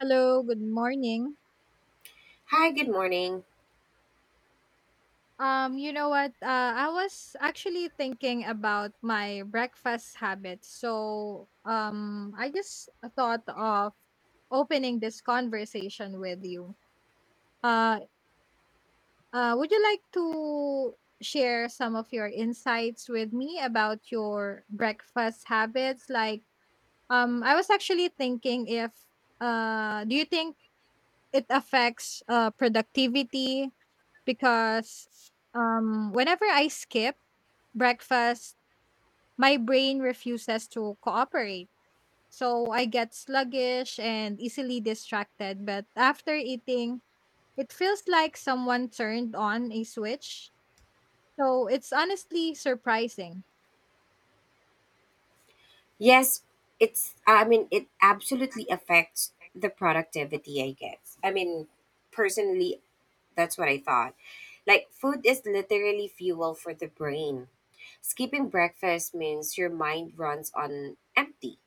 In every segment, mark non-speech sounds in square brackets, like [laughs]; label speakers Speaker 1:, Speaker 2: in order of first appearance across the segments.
Speaker 1: Hello, good morning.
Speaker 2: Hi, good morning.
Speaker 1: You know what? I was actually thinking about my breakfast habits. So, I just thought of opening this conversation with you. Uh, would you like to share some of your insights with me about your breakfast habits? I was actually thinking if do you think it affects productivity because whenever I skip breakfast, my brain refuses to cooperate. So I get sluggish and easily distracted. But after eating, it feels like someone turned on a switch. So it's honestly surprising.
Speaker 2: Yes, I mean, it absolutely affects the productivity, I guess. I mean, personally, that's what I thought. Like, food is literally fuel for the brain. Skipping breakfast means your mind runs on empty.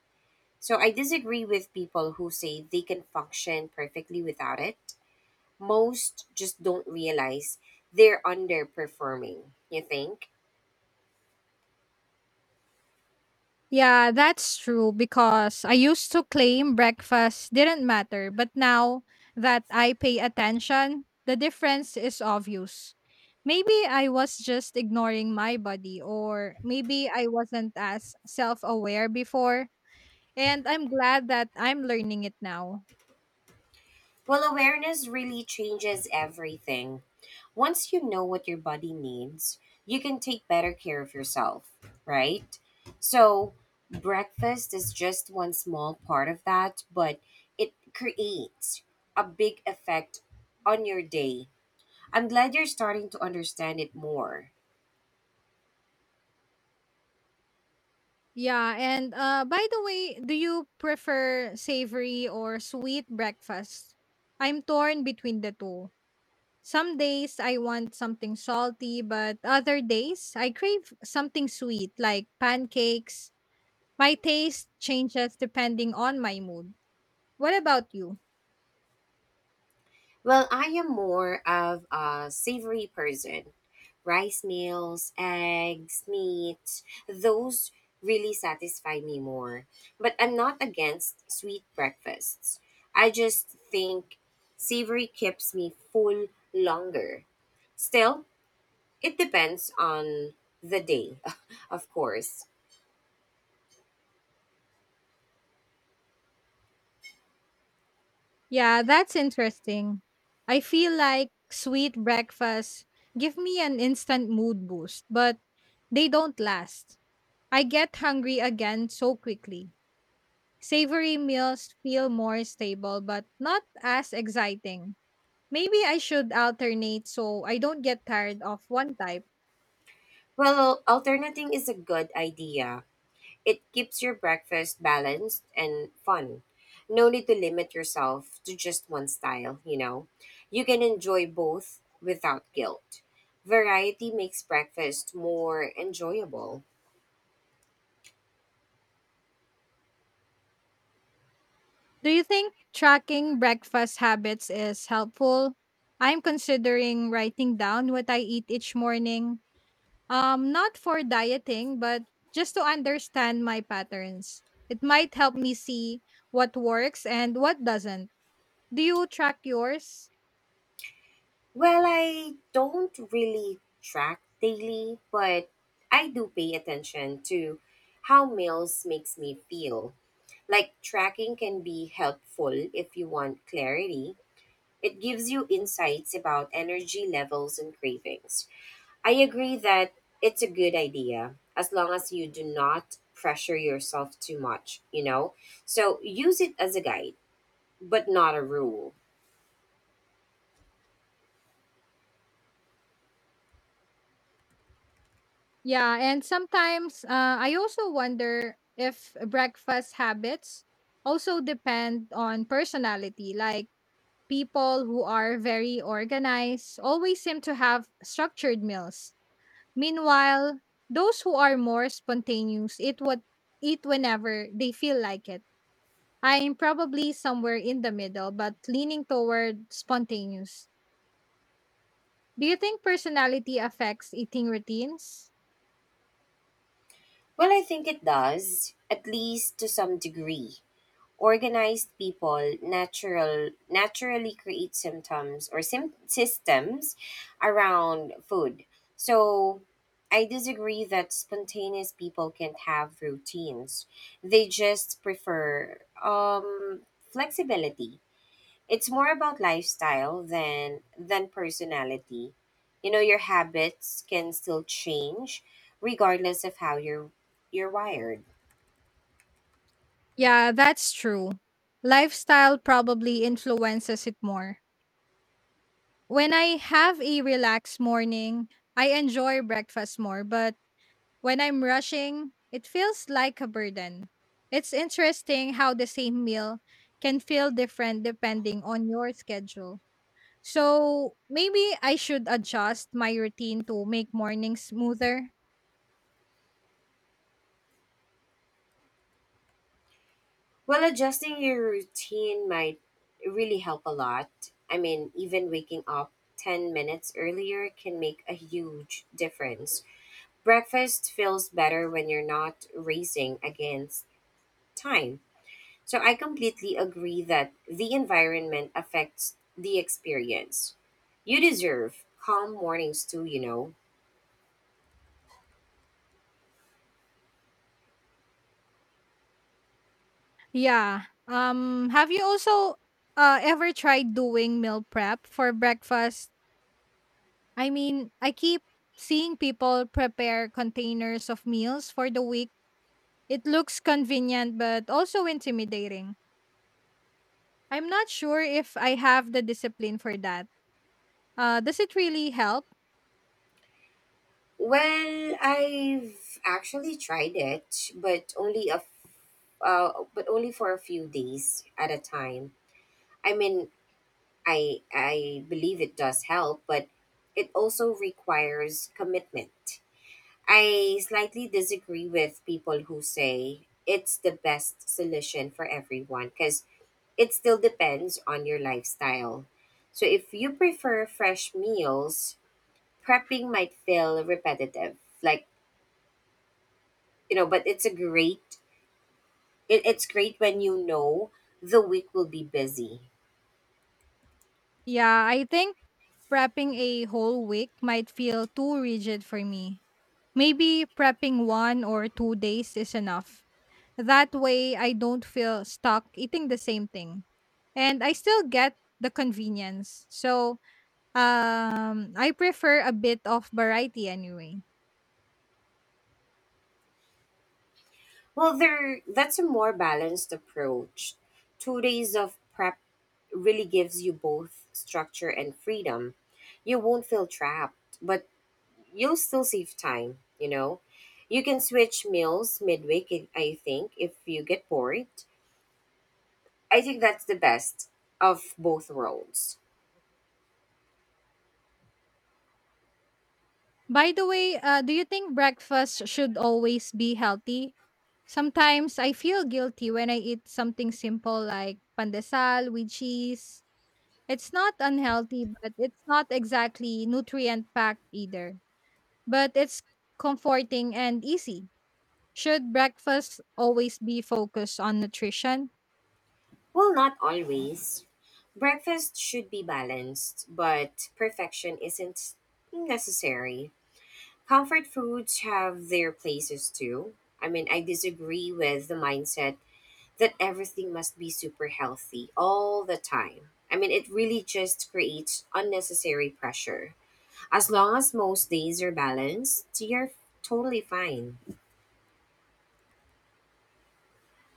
Speaker 2: So I disagree with people who say they can function perfectly without it. Most just don't realize they're underperforming, you think?
Speaker 1: Yeah, that's true because I used to claim breakfast didn't matter, but now that I pay attention, the difference is obvious. Maybe I was just ignoring my body, or maybe I wasn't as self aware before, and I'm glad that I'm learning it now.
Speaker 2: Well, awareness really changes everything. Once you know what your body needs, you can take better care of yourself, right? So, breakfast is just one small part of that, but it creates a big effect on your day. I'm glad you're starting to understand it more.
Speaker 1: Yeah, and by the way, do you prefer savory or sweet breakfast? I'm torn between the two. Some days I want something salty, but other days I crave something sweet like pancakes. My taste changes depending on my mood. What about you?
Speaker 2: Well, I am more of a savory person. Rice meals, eggs, meat, those really satisfy me more. But I'm not against sweet breakfasts. I just think savory keeps me full longer. Still, it depends on the day, [laughs] of course.
Speaker 1: Yeah, that's interesting. I feel like sweet breakfasts give me an instant mood boost, but they don't last. I get hungry again so quickly. Savory meals feel more stable, but not as exciting. Maybe I should alternate so I don't get tired of one type.
Speaker 2: Well, alternating is a good idea. It keeps your breakfast balanced and fun. No need to limit yourself to just one style, you know. You can enjoy both without guilt. Variety makes breakfast more enjoyable.
Speaker 1: Do you think tracking breakfast habits is helpful? I'm considering writing down what I eat each morning. Not for dieting, but just to understand my patterns. It might help me see what works and what doesn't. Do you track yours?
Speaker 2: Well, I don't really track daily, but I do pay attention to how meals makes me feel. Like tracking can be helpful if you want clarity. It gives you insights about energy levels and cravings. I agree that it's a good idea as long as you do not pressure yourself too much, you know? So use it as a guide, but not a rule.
Speaker 1: Yeah, and sometimes I also wonder if breakfast habits also depend on personality. Like people who are very organized always seem to have structured meals. Meanwhile, those who are more spontaneous eat whenever they feel like it. I'm probably somewhere in the middle, but leaning toward spontaneous. Do you think personality affects eating routines?
Speaker 2: Well, I think it does, at least to some degree. Organized people naturally create systems around food. So I disagree that spontaneous people can't have routines. They just prefer flexibility. It's more about lifestyle than personality. You know, your habits can still change regardless of how you're wired.
Speaker 1: Yeah, that's true. Lifestyle probably influences it more. When I have a relaxed morning, I enjoy breakfast more, but when I'm rushing, it feels like a burden. It's interesting how the same meal can feel different depending on your schedule. So maybe I should adjust my routine to make mornings smoother.
Speaker 2: Well, adjusting your routine might really help a lot. I mean, even waking up 10 minutes earlier can make a huge difference. Breakfast feels better when you're not racing against time. So I completely agree that the environment affects the experience. You deserve calm mornings too, you know.
Speaker 1: Yeah. Have you also ever tried doing meal prep for breakfast? I mean, I keep seeing people prepare containers of meals for the week. It looks convenient but also intimidating. I'm not sure if I have the discipline for that. Does it really help?
Speaker 2: Well, I've actually tried it, but but only for a few days at a time. I mean, I believe it does help, but it also requires commitment. I slightly disagree with people who say it's the best solution for everyone because it still depends on your lifestyle. So if you prefer fresh meals, prepping might feel repetitive. Like, you know, but it's great when you know the week will be busy.
Speaker 1: Yeah, I think prepping a whole week might feel too rigid for me. Maybe prepping 1 or 2 days is enough. That way, I don't feel stuck eating the same thing. And I still get the convenience. So, I prefer a bit of variety anyway.
Speaker 2: Well, there that's a more balanced approach. 2 days of prep really gives you both structure and freedom. You won't feel trapped, but you'll still save time, you know. You can switch meals midweek, I think, if you get bored. I think that's the best of both worlds.
Speaker 1: By the way, do you think breakfast should always be healthy? Sometimes I feel guilty when I eat something simple like pandesal with cheese. It's not unhealthy, but it's not exactly nutrient packed either. But it's comforting and easy. Should breakfast always be focused on nutrition?
Speaker 2: Well, not always. Breakfast should be balanced, but perfection isn't necessary. Comfort foods have their places too. I mean, I disagree with the mindset that everything must be super healthy all the time. I mean, it really just creates unnecessary pressure. As long as most days are balanced, you're totally fine.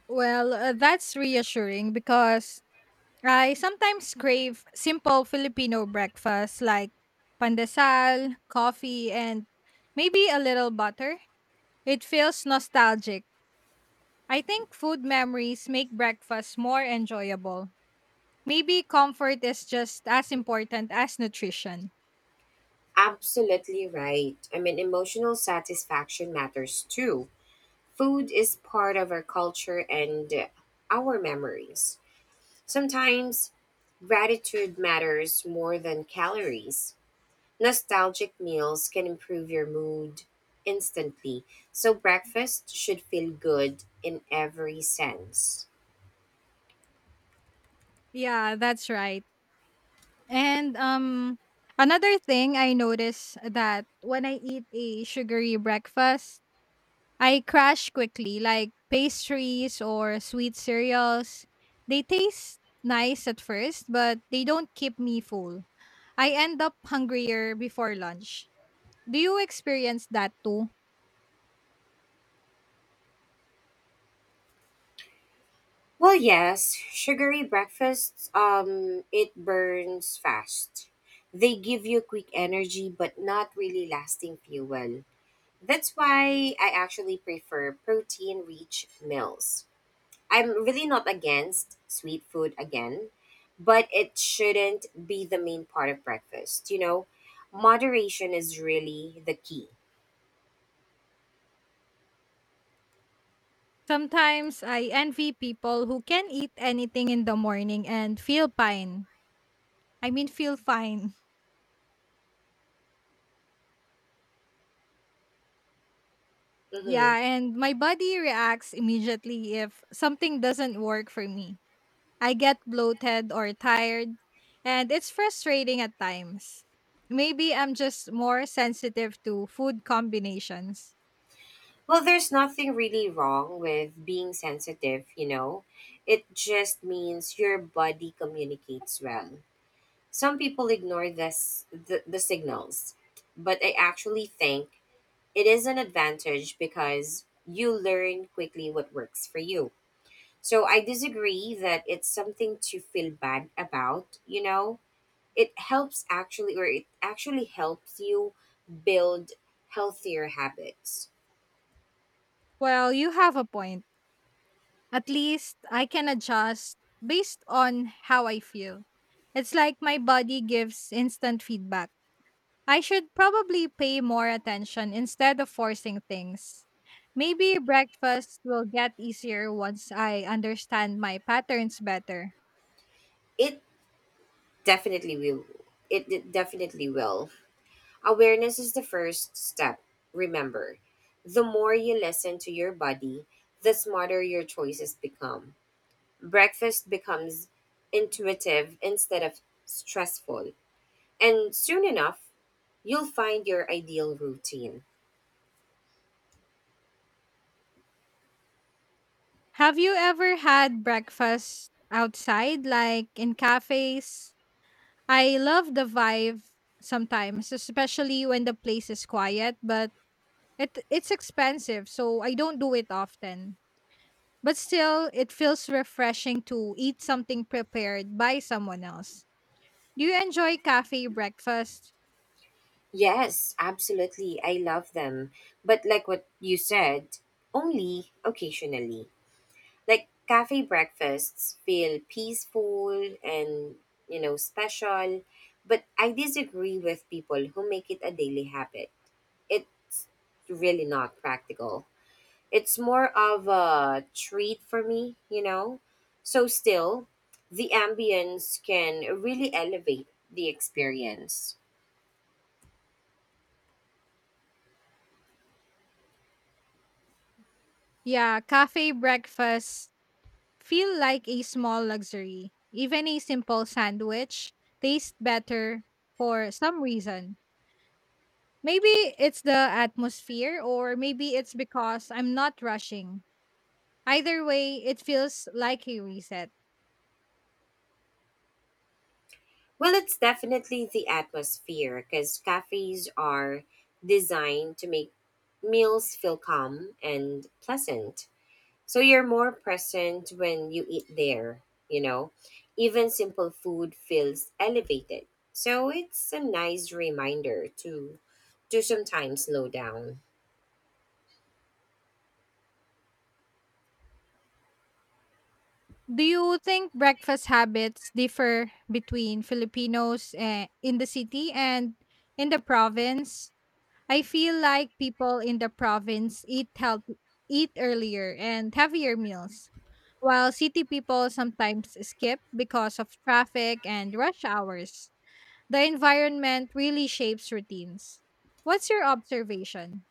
Speaker 1: Well, that's reassuring because I sometimes crave simple Filipino breakfast like pandesal, coffee, and maybe a little butter. It feels nostalgic. I think food memories make breakfast more enjoyable. Maybe comfort is just as important as nutrition.
Speaker 2: Absolutely right. I mean, emotional satisfaction matters too. Food is part of our culture and our memories. Sometimes gratitude matters more than calories. Nostalgic meals can improve your mood instantly, so breakfast should feel good in every sense.
Speaker 1: Yeah, that's right. And another thing I notice that when I eat a sugary breakfast, I crash quickly, like pastries or sweet cereals. They taste nice at first, but they don't keep me full. I end up hungrier before lunch. Do you experience that too?
Speaker 2: Well, yes, sugary breakfasts, it burns fast. They give you quick energy but not really lasting fuel. That's why I actually prefer protein rich meals. I'm really not against sweet food again, but it shouldn't be the main part of breakfast. You know, moderation is really the key.
Speaker 1: Sometimes I envy people who can eat anything in the morning and feel fine. I mean, feel fine. [laughs]
Speaker 2: Hmm.
Speaker 1: Yeah, and my body reacts immediately if something doesn't work for me. I get bloated or tired, and it's frustrating at times. Maybe I'm just more sensitive to food combinations.
Speaker 2: Well, there's nothing really wrong with being sensitive, you know. It just means your body communicates well. Some people ignore the signals, but I actually think it is an advantage because you learn quickly what works for you. So I disagree that it's something to feel bad about, you know? It helps actually, or it actually helps you build healthier habits.
Speaker 1: Well, you have a point. At least I can adjust based on how I feel. It's like my body gives instant feedback. I should probably pay more attention instead of forcing things. Maybe breakfast will get easier once I understand my patterns better.
Speaker 2: It definitely will. It definitely will. Awareness is the first step. Remember, the more you listen to your body, the smarter your choices become. Breakfast becomes intuitive instead of stressful. And soon enough, you'll find your ideal routine.
Speaker 1: Have you ever had breakfast outside, like in cafes? I love the vibe sometimes, especially when the place is quiet, but it's expensive, so I don't do it often. But still, it feels refreshing to eat something prepared by someone else. Do you enjoy cafe breakfast?
Speaker 2: Yes, absolutely. I love them. But like what you said, only occasionally. Like cafe breakfasts feel peaceful and, you know, special, but I disagree with people who make it a daily habit. It's really not practical. It's more of a treat for me, you know? So still, the ambience can really elevate the experience.
Speaker 1: Yeah, cafe breakfast feel like a small luxury. Even a simple sandwich tastes better for some reason. Maybe it's the atmosphere, or maybe it's because I'm not rushing. Either way, it feels like a reset.
Speaker 2: Well, it's definitely the atmosphere because cafes are designed to make meals feel calm and pleasant. So you're more present when you eat there, you know. Even simple food feels elevated. So it's a nice reminder to sometimes slow down.
Speaker 1: Do you think breakfast habits differ between Filipinos eh, in the city and in the province? I feel like people in the province eat earlier and heavier meals, while city people sometimes skip because of traffic and rush hours. The environment really shapes routines. What's your observation?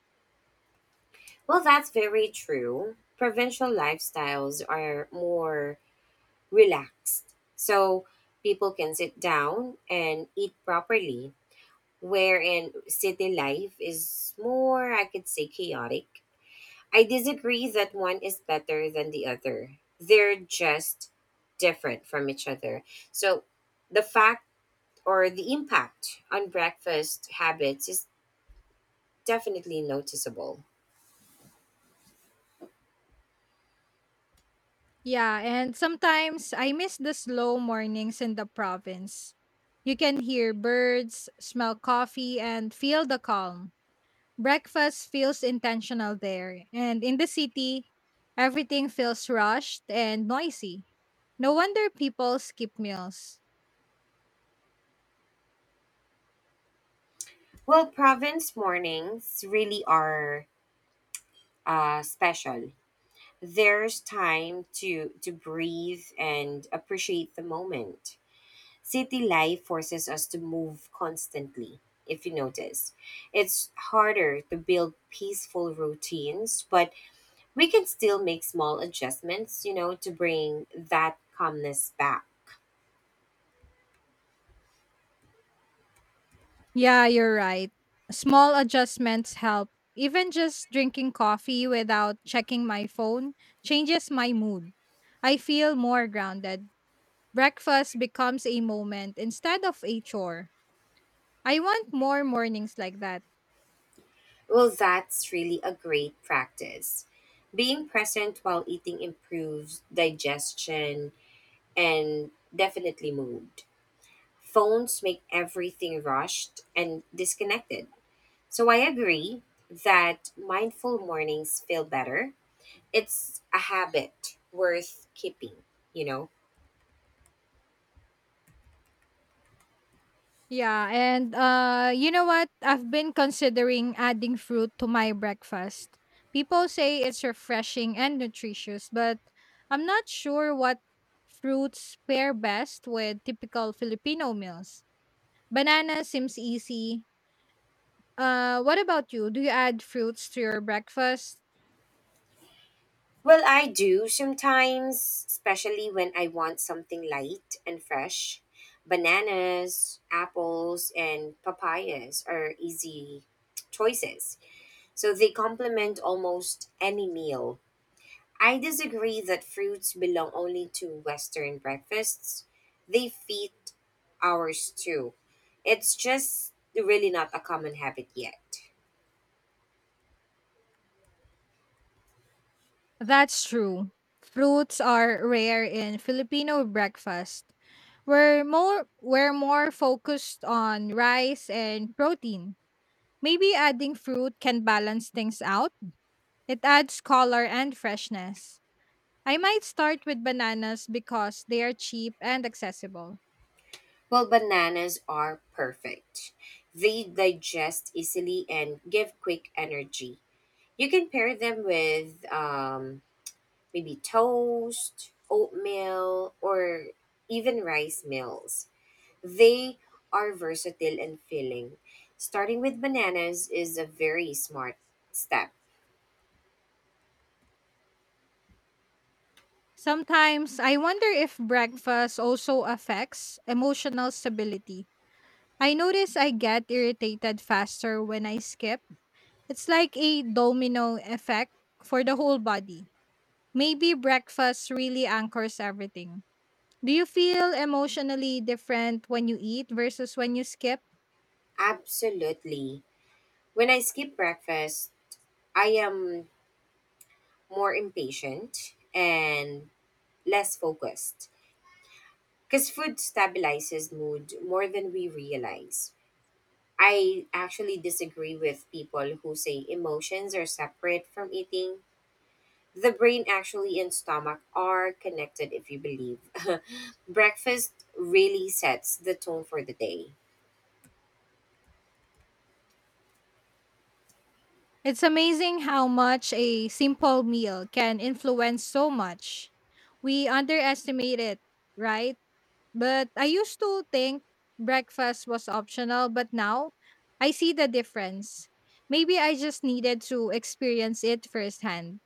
Speaker 2: Well, that's very true. Provincial lifestyles are more relaxed. So people can sit down and eat properly wherein city life is more, I could say, chaotic. I disagree that one is better than the other. They're just different from each other. So the fact or the impact on breakfast habits is definitely noticeable.
Speaker 1: Yeah, and sometimes I miss the slow mornings in the province. You can hear birds, smell coffee, and feel the calm. Breakfast feels intentional there, and in the city, everything feels rushed and noisy. No wonder people skip meals.
Speaker 2: Well, province mornings really are special. There's time to breathe and appreciate the moment. City life forces us to move constantly, if you notice. It's harder to build peaceful routines, but we can still make small adjustments, you know, to bring that calmness back.
Speaker 1: Yeah, you're right. Small adjustments help. Even just drinking coffee without checking my phone changes my mood. I feel more grounded. Breakfast becomes a moment instead of a chore. I want more mornings like that.
Speaker 2: Well, that's really a great practice. Being present while eating improves digestion and definitely mood. Phones make everything rushed and disconnected. So I agree that mindful mornings feel better. It's a habit worth keeping, you know?
Speaker 1: Yeah, and you know what? I've been considering adding fruit to my breakfast. People say it's refreshing and nutritious, but I'm not sure what fruits pair best with typical Filipino meals. Banana seems easy. What about you? Do you add fruits to your breakfast?
Speaker 2: Well, I do sometimes, especially when I want something light and fresh. Bananas, apples, and papayas are easy choices. So they complement almost any meal. I disagree that fruits belong only to Western breakfasts. They fit ours too. It's just really not a common habit yet.
Speaker 1: That's true. Fruits are rare in Filipino breakfast. We're more focused on rice and protein. Maybe adding fruit can balance things out. It adds color and freshness. I might start with bananas because they are cheap and accessible.
Speaker 2: Well, bananas are perfect. They digest easily and give quick energy. You can pair them with maybe toast, oatmeal, or even rice meals. They are versatile and filling. Starting with bananas is a very smart step.
Speaker 1: Sometimes I wonder if breakfast also affects emotional stability. I notice I get irritated faster when I skip. It's like a domino effect for the whole body. Maybe breakfast really anchors everything. Do you feel emotionally different when you eat versus when you skip?
Speaker 2: Absolutely. When I skip breakfast, I am more impatient and less focused because food stabilizes mood more than we realize. I actually disagree with people who say emotions are separate from eating. The brain actually and stomach are connected if you believe. [laughs] Breakfast really sets the tone for the day.
Speaker 1: It's amazing how much a simple meal can influence so much. We underestimate it, right? But I used to think breakfast was optional, but now I see the difference. Maybe I just needed to experience it firsthand.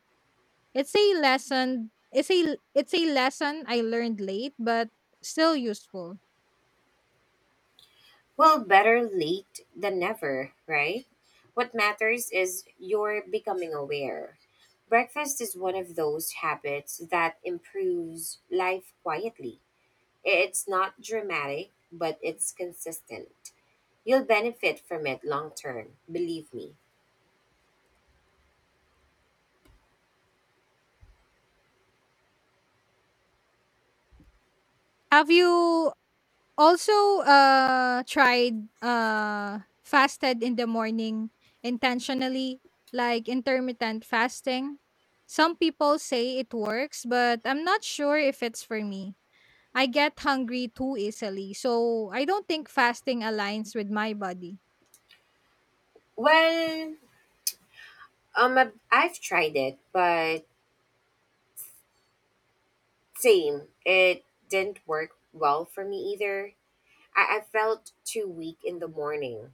Speaker 1: It's a lesson, it's a lesson I learned late but still useful.
Speaker 2: Well, better late than never, right? What matters is you're becoming aware. Breakfast is one of those habits that improves life quietly. It's not dramatic, but it's consistent. You'll benefit from it long term, believe me.
Speaker 1: Have you Also, tried, fasted in the morning intentionally, like intermittent fasting. Some people say it works, but I'm not sure if it's for me. I get hungry too easily, so I don't think fasting aligns with my body.
Speaker 2: Well, I've tried it, but same. It didn't work well for me either. I felt too weak in the morning.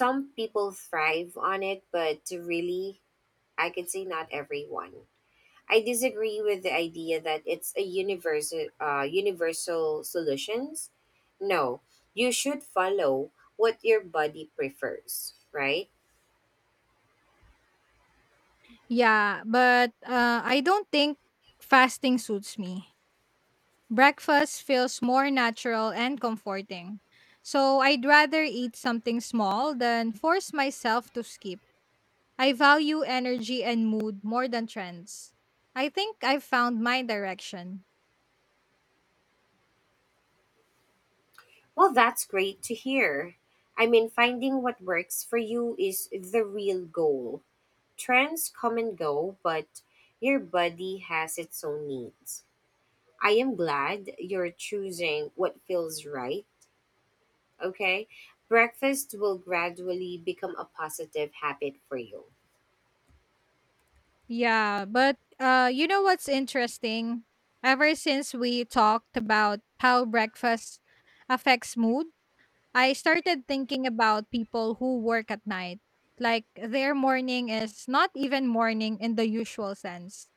Speaker 2: Some people thrive on it, but really, I could say not everyone. I disagree with the idea that it's a universal solutions. No, you should follow what your body prefers, right?
Speaker 1: Yeah, but I don't think fasting suits me. Breakfast feels more natural and comforting. So I'd rather eat something small than force myself to skip. I value energy and mood more than trends. I think I've found my direction.
Speaker 2: Well, that's great to hear. I mean, finding what works for you is the real goal. Trends come and go, but your body has its own needs. I am glad you're choosing what feels right, okay? Breakfast will gradually become a positive habit for you.
Speaker 1: Yeah, but you know what's interesting? Ever since we talked about how breakfast affects mood, I started thinking about people who work at night. Like their morning is not even morning in the usual sense.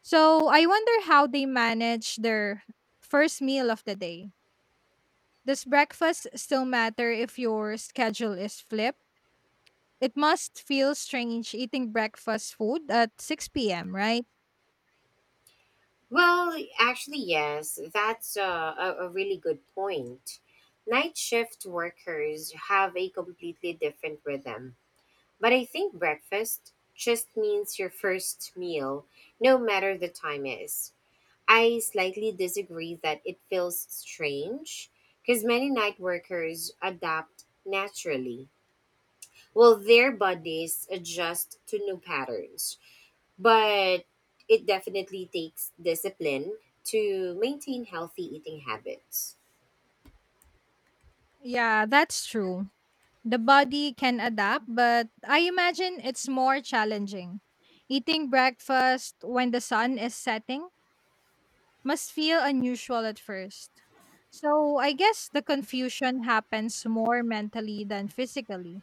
Speaker 1: So I wonder how they manage their first meal of the day. Does breakfast still matter if your schedule is flipped? It must feel strange eating breakfast food at 6 p.m., right?
Speaker 2: Well, actually, yes, that's a really good point. Night shift workers have a completely different rhythm. But I think breakfast just means your first meal, no matter the time is. I slightly disagree that it feels strange because many night workers adapt naturally. Well, their bodies adjust to new patterns, but it definitely takes discipline to maintain healthy eating habits.
Speaker 1: Yeah, that's true. The body can adapt, but I imagine it's more challenging. Eating breakfast when the sun is setting must feel unusual at first. So I guess the confusion happens more mentally than physically.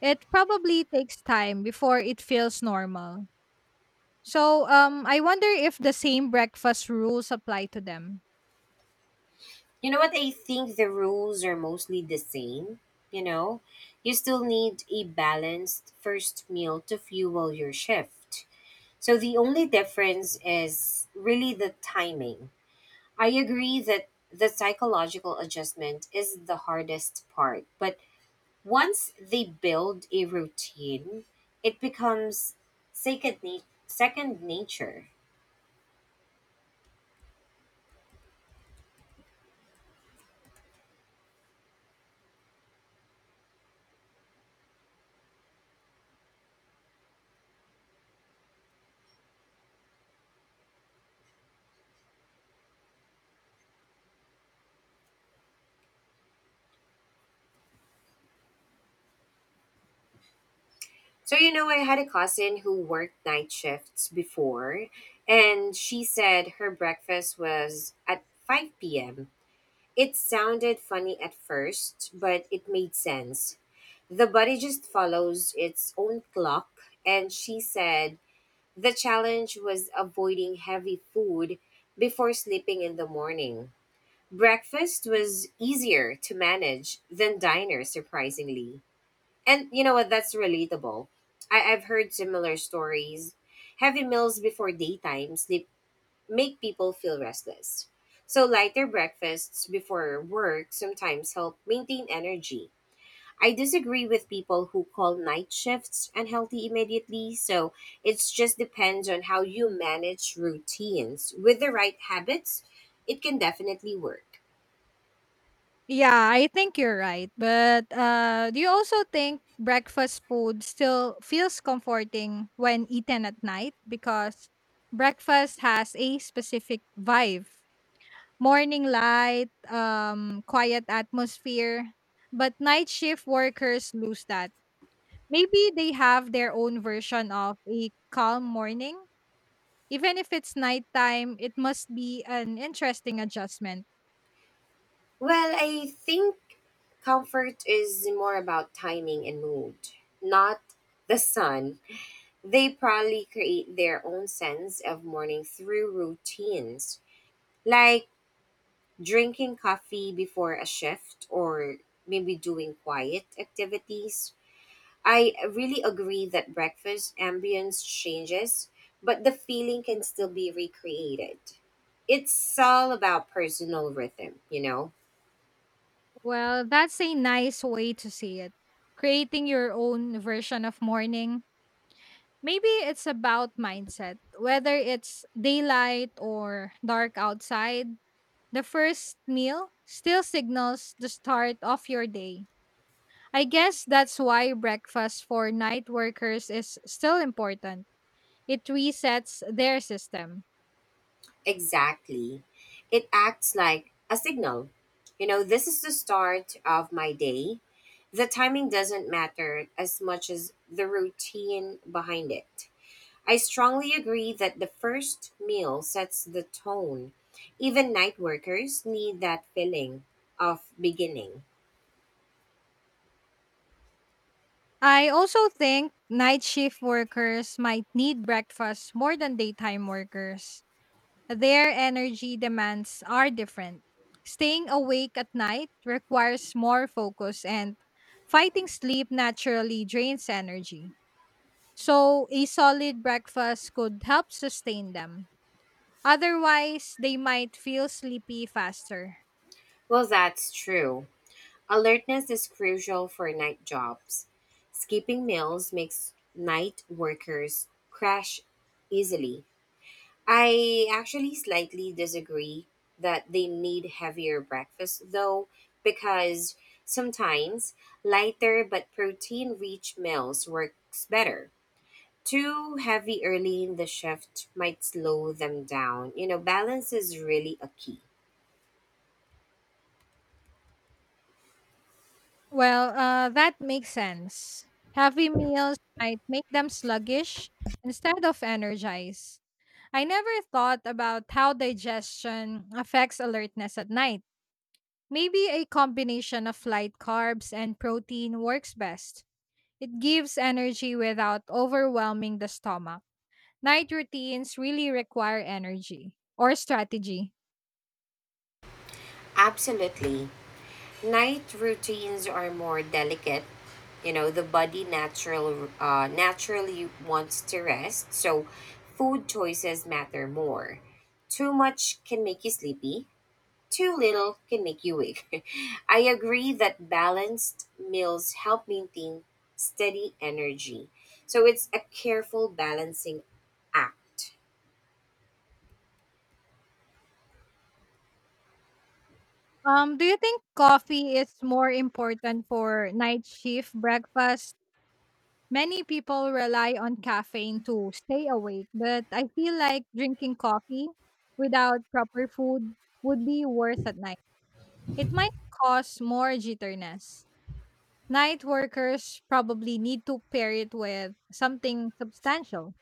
Speaker 1: It probably takes time before it feels normal. So, I wonder if the same breakfast rules apply to them.
Speaker 2: You know what? I think the rules are mostly the same. You know, you still need a balanced first meal to fuel your shift. So the only difference is really the timing. I agree that the psychological adjustment is the hardest part, but once they build a routine, it becomes second, na- second nature. So, you know, I had a cousin who worked night shifts before, and she said her breakfast was at 5 p.m. It sounded funny at first, but it made sense. The body just follows its own clock, and she said the challenge was avoiding heavy food before sleeping in the morning. Breakfast was easier to manage than dinner, surprisingly. And you know what? That's relatable. I've heard similar stories. Heavy meals before daytime sleep make people feel restless. So, lighter breakfasts before work sometimes help maintain energy. I disagree with people who call night shifts unhealthy immediately, so it just depends on how you manage routines. With the right habits, it can definitely work.
Speaker 1: Yeah, I think you're right. But do you also think breakfast food still feels comforting when eaten at night? Because breakfast has a specific vibe morning light, quiet atmosphere. But night shift workers lose that. Maybe they have their own version of a calm morning. Even if it's nighttime, it must be an interesting adjustment.
Speaker 2: Well, I think comfort is more about timing and mood, not the sun. They probably create their own sense of morning through routines, like drinking coffee before a shift or maybe doing quiet activities. I really agree that breakfast ambience changes, but the feeling can still be recreated. It's all about personal rhythm, you know?
Speaker 1: Well, that's a nice way to see it. Creating your own version of morning. Maybe it's about mindset. Whether it's daylight or dark outside, the first meal still signals the start of your day. I guess that's why breakfast for night workers is still important. It resets their system.
Speaker 2: Exactly. It acts like a signal. You know, this is the start of my day. The timing doesn't matter as much as the routine behind it. I strongly agree that the first meal sets the tone. Even night workers need that feeling of beginning.
Speaker 1: I also think night shift workers might need breakfast more than daytime workers. Their energy demands are different. Staying awake at night requires more focus, and fighting sleep naturally drains energy. So, a solid breakfast could help sustain them. Otherwise, they might feel sleepy faster.
Speaker 2: Well, that's true. Alertness is crucial for night jobs. Skipping meals makes night workers crash easily. I actually slightly disagree that they need heavier breakfast though, because sometimes lighter but protein rich meals works better. Too heavy early in the shift might slow them down. You know, balance is really a key.
Speaker 1: Well, that makes sense. Heavy meals might make them sluggish instead of energized. I never thought about how digestion affects alertness at night. Maybe a combination of light carbs and protein works best. It gives energy without overwhelming the stomach. Night routines really require energy or strategy.
Speaker 2: Absolutely. Night routines are more delicate. You know, the body naturally wants to rest, so food choices matter more. Too much can make you sleepy. Too little can make you weak. [laughs] I agree that balanced meals help maintain steady energy. So it's a careful balancing act.
Speaker 1: Do you think coffee is more important for night shift breakfast? Many people rely on caffeine to stay awake, but I feel like drinking coffee without proper food would be worse at night. It might cause more jitterness. Night workers probably need to pair it with something substantial.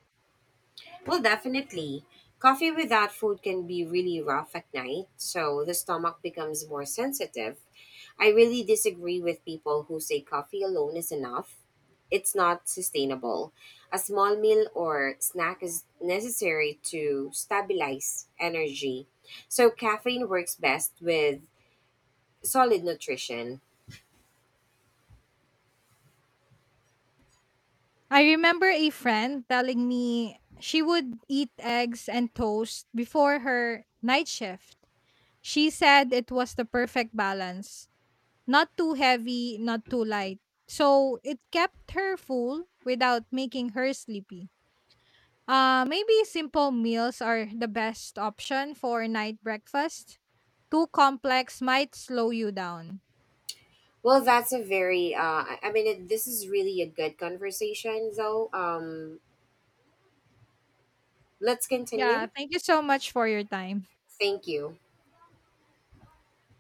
Speaker 2: Well, definitely. Coffee without food can be really rough at night, so the stomach becomes more sensitive. I really disagree with people who say coffee alone is enough. It's not sustainable. A small meal or snack is necessary to stabilize energy. So, caffeine works best with solid nutrition.
Speaker 1: I remember a friend telling me she would eat eggs and toast before her night shift. She said it was the perfect balance. Not too heavy, not too light. So it kept her full without making her sleepy. Maybe simple meals are the best option for night breakfast. Too complex might slow you down.
Speaker 2: Well, that's a I mean, this is really a good conversation, though. Let's
Speaker 1: Yeah,
Speaker 2: continue.
Speaker 1: thank you so much for your time.
Speaker 2: Thank you.